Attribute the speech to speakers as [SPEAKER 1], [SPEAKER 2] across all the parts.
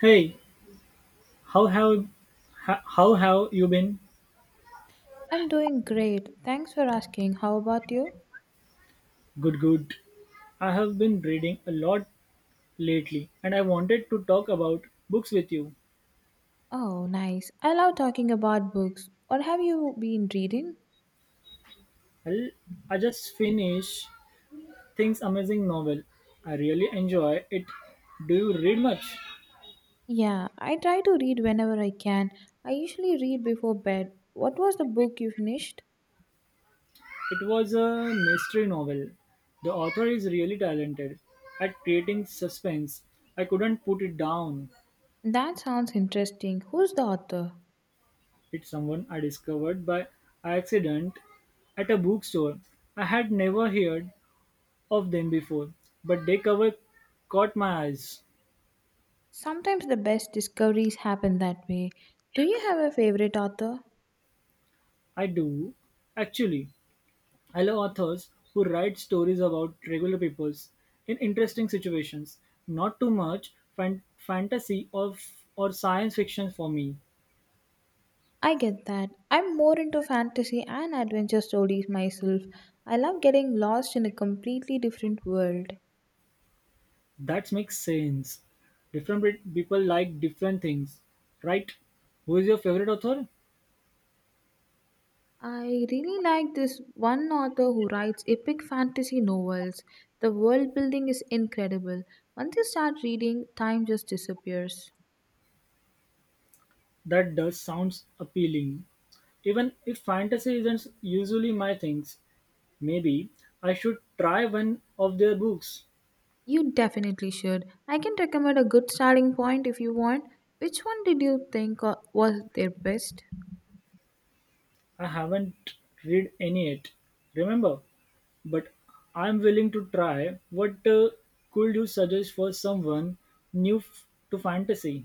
[SPEAKER 1] Hey, how have how have you been?
[SPEAKER 2] I'm doing great. Thanks for asking. How about you?
[SPEAKER 1] Good, good. I have been reading a lot lately, and I wanted to talk about books with you.
[SPEAKER 2] Oh, nice. I love talking about books. What have you been reading?
[SPEAKER 1] I'll, I just finished Things Amazing novel. I really enjoy it. Do you read much?
[SPEAKER 2] Yeah, I try to read whenever I can. I usually read before bed. What was the book you finished?
[SPEAKER 1] It was a mystery novel. The author is really talented at creating suspense. I couldn't put it down.
[SPEAKER 2] That sounds interesting. Who's the author?
[SPEAKER 1] It's someone I discovered by accident at a bookstore. I had never heard of them before, but they cover caught my eyes.
[SPEAKER 2] Sometimes the best discoveries happen that way. Do you have a favorite author?
[SPEAKER 1] I do, actually. I love authors who write stories about regular peoples in interesting situations. Not too much fantasy or science fiction for me.
[SPEAKER 2] I get that. I'm more into fantasy and adventure stories myself. I love getting lost in a completely different world.
[SPEAKER 1] That makes sense. Different people like different things, right? Who is your favorite author?
[SPEAKER 2] I really like this one author who writes epic fantasy novels. The world building is incredible. Once you start reading, time just disappears.
[SPEAKER 1] That does sounds appealing even if fantasy isn't usually my things. Maybe I should try one of their books.
[SPEAKER 2] You definitely should. I can recommend a good starting point if you want. Which one did you think was their best?
[SPEAKER 1] I haven't read any yet, remember? But I'm willing to try. What could you suggest for someone new to fantasy?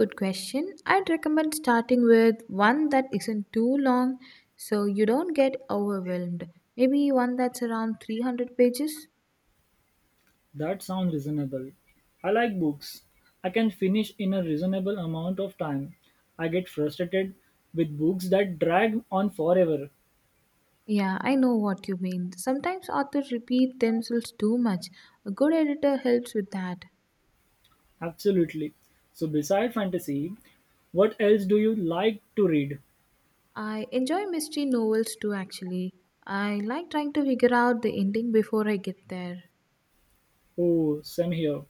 [SPEAKER 2] Good question. I'd recommend starting with one that isn't too long so you don't get overwhelmed. Maybe one that's around 300 pages.
[SPEAKER 1] That sounds reasonable. I like books. I can finish in a reasonable amount of time. I get frustrated with books that drag on forever.
[SPEAKER 2] Yeah, I know what you mean. Sometimes authors repeat themselves too much. A good editor helps with that.
[SPEAKER 1] Absolutely. So, beside fantasy, what else do you like to read?
[SPEAKER 2] I enjoy mystery novels too, actually. I like trying to figure out the ending before I get there.
[SPEAKER 1] Oh, same here.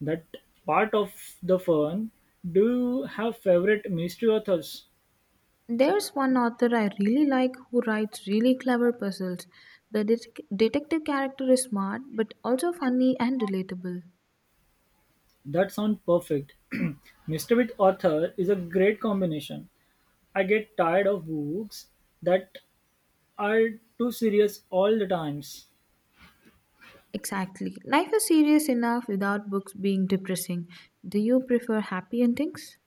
[SPEAKER 1] That part of the fun. Do you have favorite mystery authors?
[SPEAKER 2] There's one author I really like who writes really clever puzzles. The detective character is smart but also funny and relatable.
[SPEAKER 1] That sounds perfect. Mystery with author is a great combination. I get tired of books that are too serious all the times,
[SPEAKER 2] Exactly. Life is serious enough without books being depressing. Do you prefer happy endings?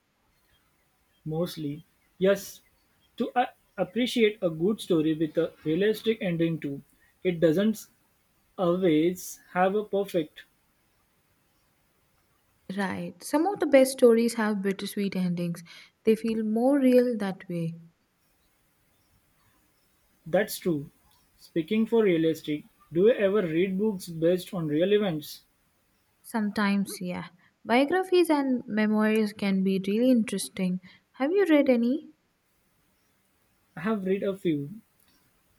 [SPEAKER 1] mostly. Yes, to appreciate a good story with a realistic ending too. It doesn't always have a perfect.
[SPEAKER 2] Right. Some of the best stories have bittersweet endings. They feel more real that way.
[SPEAKER 1] That's true. Speaking for realistic, do you ever read books based on real events?
[SPEAKER 2] Sometimes, yeah. Biographies and memoirs can be really interesting. Have you read any?
[SPEAKER 1] I have read a few.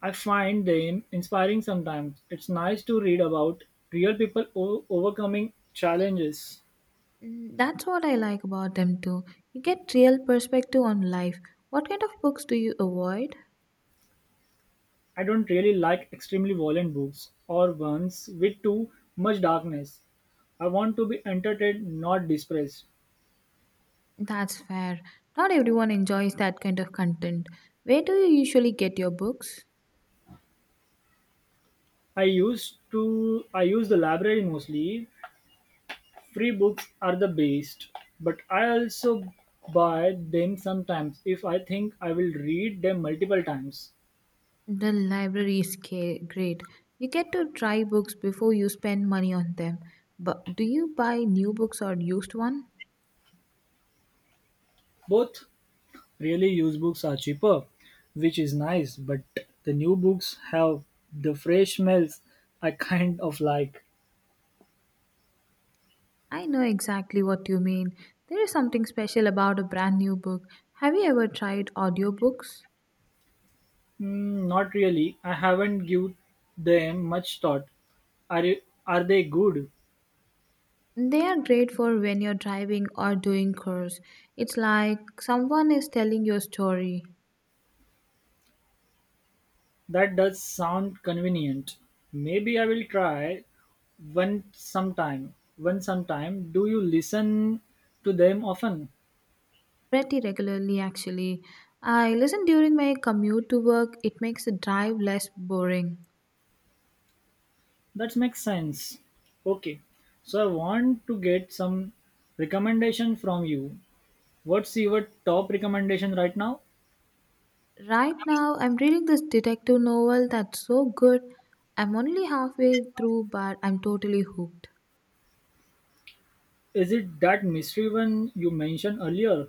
[SPEAKER 1] I find them inspiring sometimes. It's nice to read about real people overcoming challenges.
[SPEAKER 2] Mm, that's what I like about them too. You get real perspective on life. What kind of books do you avoid?
[SPEAKER 1] I don't really like extremely violent books or ones with too much darkness. I want to be entertained, not depressed.
[SPEAKER 2] That's fair. Not everyone enjoys that kind of content. Where do you usually get your books?
[SPEAKER 1] I use the library mostly. Free books are the best, but I also buy them sometimes if I think I will read them multiple times.
[SPEAKER 2] The library is great. You get to try books before you spend money on them. But do you buy new books or used one?
[SPEAKER 1] Both. Really, used books are cheaper, which is nice, but the new books have the fresh smells I kind of like.
[SPEAKER 2] I know exactly what you mean. There is something special about a brand new book. Have you ever tried audiobooks?
[SPEAKER 1] Mm, not really. I haven't given them much thought. Are you- are they good?
[SPEAKER 2] They are great for when you're driving or doing chores. It's like someone is telling your story.
[SPEAKER 1] That does sound convenient. Maybe I will try one sometime. One sometime. Do you listen to them often?
[SPEAKER 2] Pretty regularly actually. I listen during my commute to work. It makes the drive less boring.
[SPEAKER 1] That makes sense. Okay. So I want to get some recommendation from you. What's your top recommendation right now?
[SPEAKER 2] Right now, I'm reading this detective novel that's so good. I'm only halfway through, but I'm totally hooked.
[SPEAKER 1] Is it that mystery one you mentioned earlier?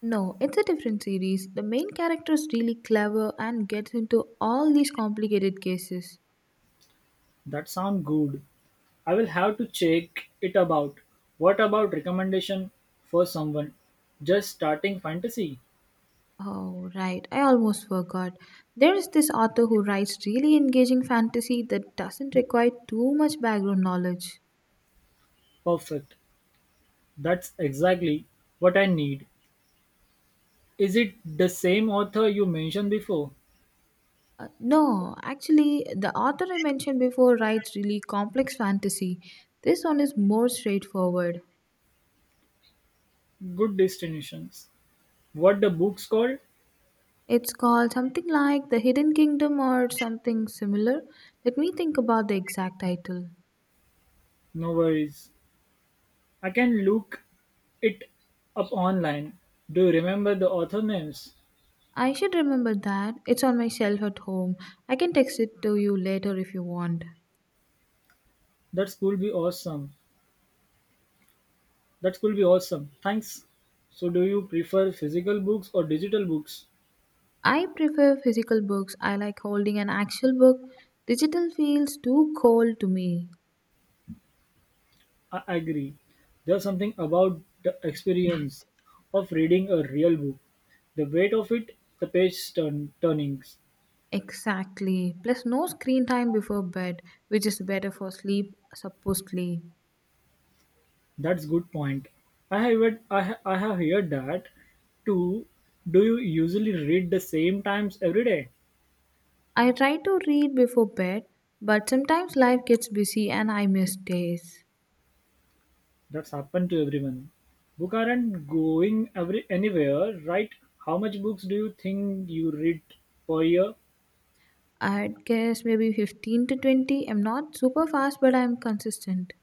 [SPEAKER 2] No, it's a different series. The main character is really clever and gets into all these complicated cases.
[SPEAKER 1] That sound good. I will have to check it about. What about recommendation for someone just starting fantasy?
[SPEAKER 2] Oh, right. I almost forgot. There is this author who writes really engaging fantasy that doesn't require too much background knowledge.
[SPEAKER 1] Perfect. That's exactly what I need. Is it the same author you mentioned before?
[SPEAKER 2] No, actually, the author I mentioned before writes really complex fantasy. This one is more straightforward.
[SPEAKER 1] Good destinations. What the book's called?
[SPEAKER 2] It's called something like The Hidden Kingdom or something similar. Let me think about the exact title.
[SPEAKER 1] No worries. I can look it up online. Do you remember the author names?
[SPEAKER 2] I should remember that. It's on my shelf at home. I can text it to you later if you want.
[SPEAKER 1] That's could be awesome. That could be awesome. Thanks. So, do you prefer physical books or digital books?
[SPEAKER 2] I prefer physical books. I like holding an actual book. Digital feels too cold to me.
[SPEAKER 1] I agree. There's something about the experience of reading a real book. The weight of it, the page turnings.
[SPEAKER 2] Exactly. Plus, no screen time before bed, which is better for sleep, supposedly.
[SPEAKER 1] That's good point. I have I have heard that too. Do you usually read the same times every day?
[SPEAKER 2] I try to read before bed, but sometimes life gets busy and I miss days.
[SPEAKER 1] That's happened to everyone. Books aren't going every, anywhere, right? How much books do you think you read per year?
[SPEAKER 2] I guess maybe 15 to 20. I'm not super fast, but I'm consistent.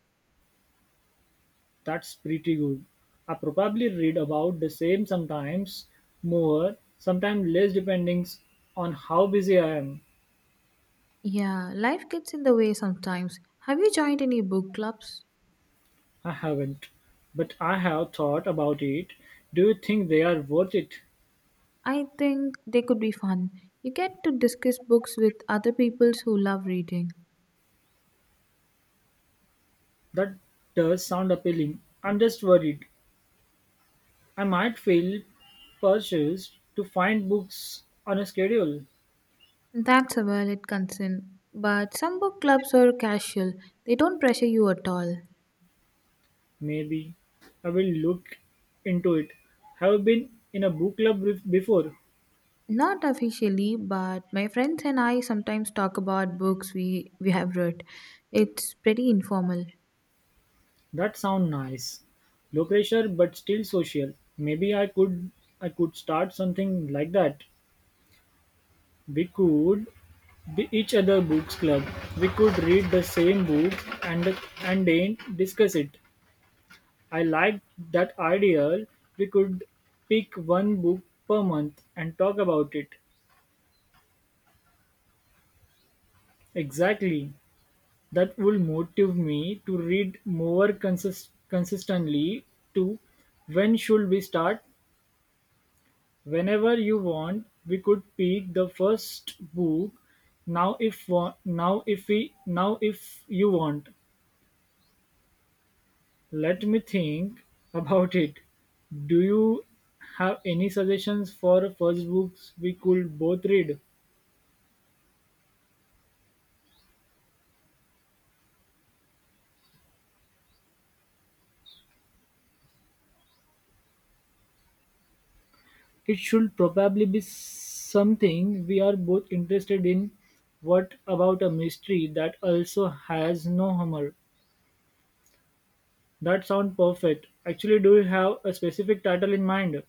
[SPEAKER 1] That's pretty good. I probably read about the same sometimes, more, sometimes less, depending on how busy I am.
[SPEAKER 2] Yeah, life gets in the way sometimes. Have you joined any book clubs?
[SPEAKER 1] I haven't, but I have thought about it. Do you think they are worth it?
[SPEAKER 2] I think they could be fun. You get to discuss books with other people who love reading.
[SPEAKER 1] That does sound appealing. I'm just worried. I might feel purchased to find books on a schedule.
[SPEAKER 2] That's a valid concern. But some book clubs are casual, they don't pressure you at all.
[SPEAKER 1] Maybe I will look into it. Have you been in a book club before?
[SPEAKER 2] Not officially, but my friends and I sometimes talk about books we have read. It's pretty informal.
[SPEAKER 1] That sound nice. Low pressure but still social. Maybe I could start something like that. We could be each other books club. We could read the same books and then discuss it. I like that idea. We could pick one book per month and talk about it. Exactly. That will motivate me to read more consistently. To. When should we start? Whenever you want, we could pick the first book. Now, if wa- now if we now if you want, let me think about it. Do you have any suggestions for first books we could both read? It should probably be something we are both interested in. What about a mystery that also has no humor? That sounds perfect. Actually, do you have a specific title in mind?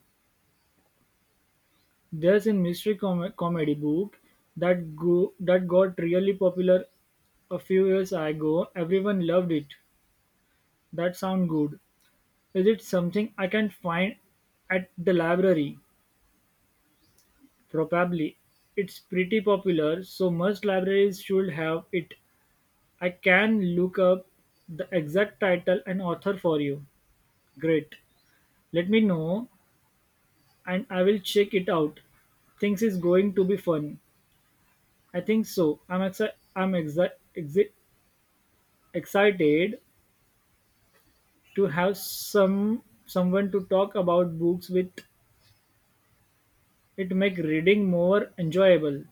[SPEAKER 1] There's a mystery comedy book that got really popular a few years ago. Everyone loved it. That sounds good. Is it something I can find at the library? Probably. It's pretty popular, so most libraries should have it. I can look up the exact title and author for you. Great. Let me know and I will check it out. Things is going to be fun. I think so. I'm exci- I'm exi- exi- excited to have someone to talk about books with. It make reading more enjoyable.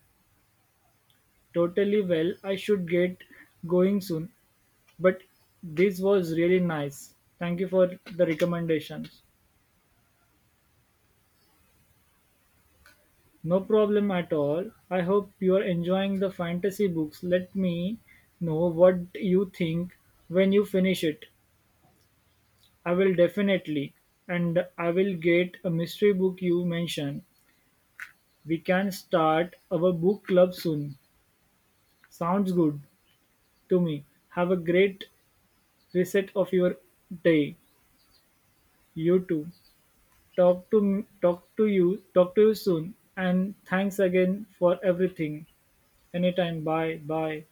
[SPEAKER 1] Totally well. I should get going soon. But this was really nice. Thank you for the recommendations. No problem at all. I hope you're enjoying the fantasy books. Let me know what you think when you finish it. I will definitely. And I will get a mystery book you mentioned. We can start our book club soon. Sounds good to me. Have a great reset of your day. You too. Talk to you soon. And thanks again for everything. Anytime. Bye. Bye.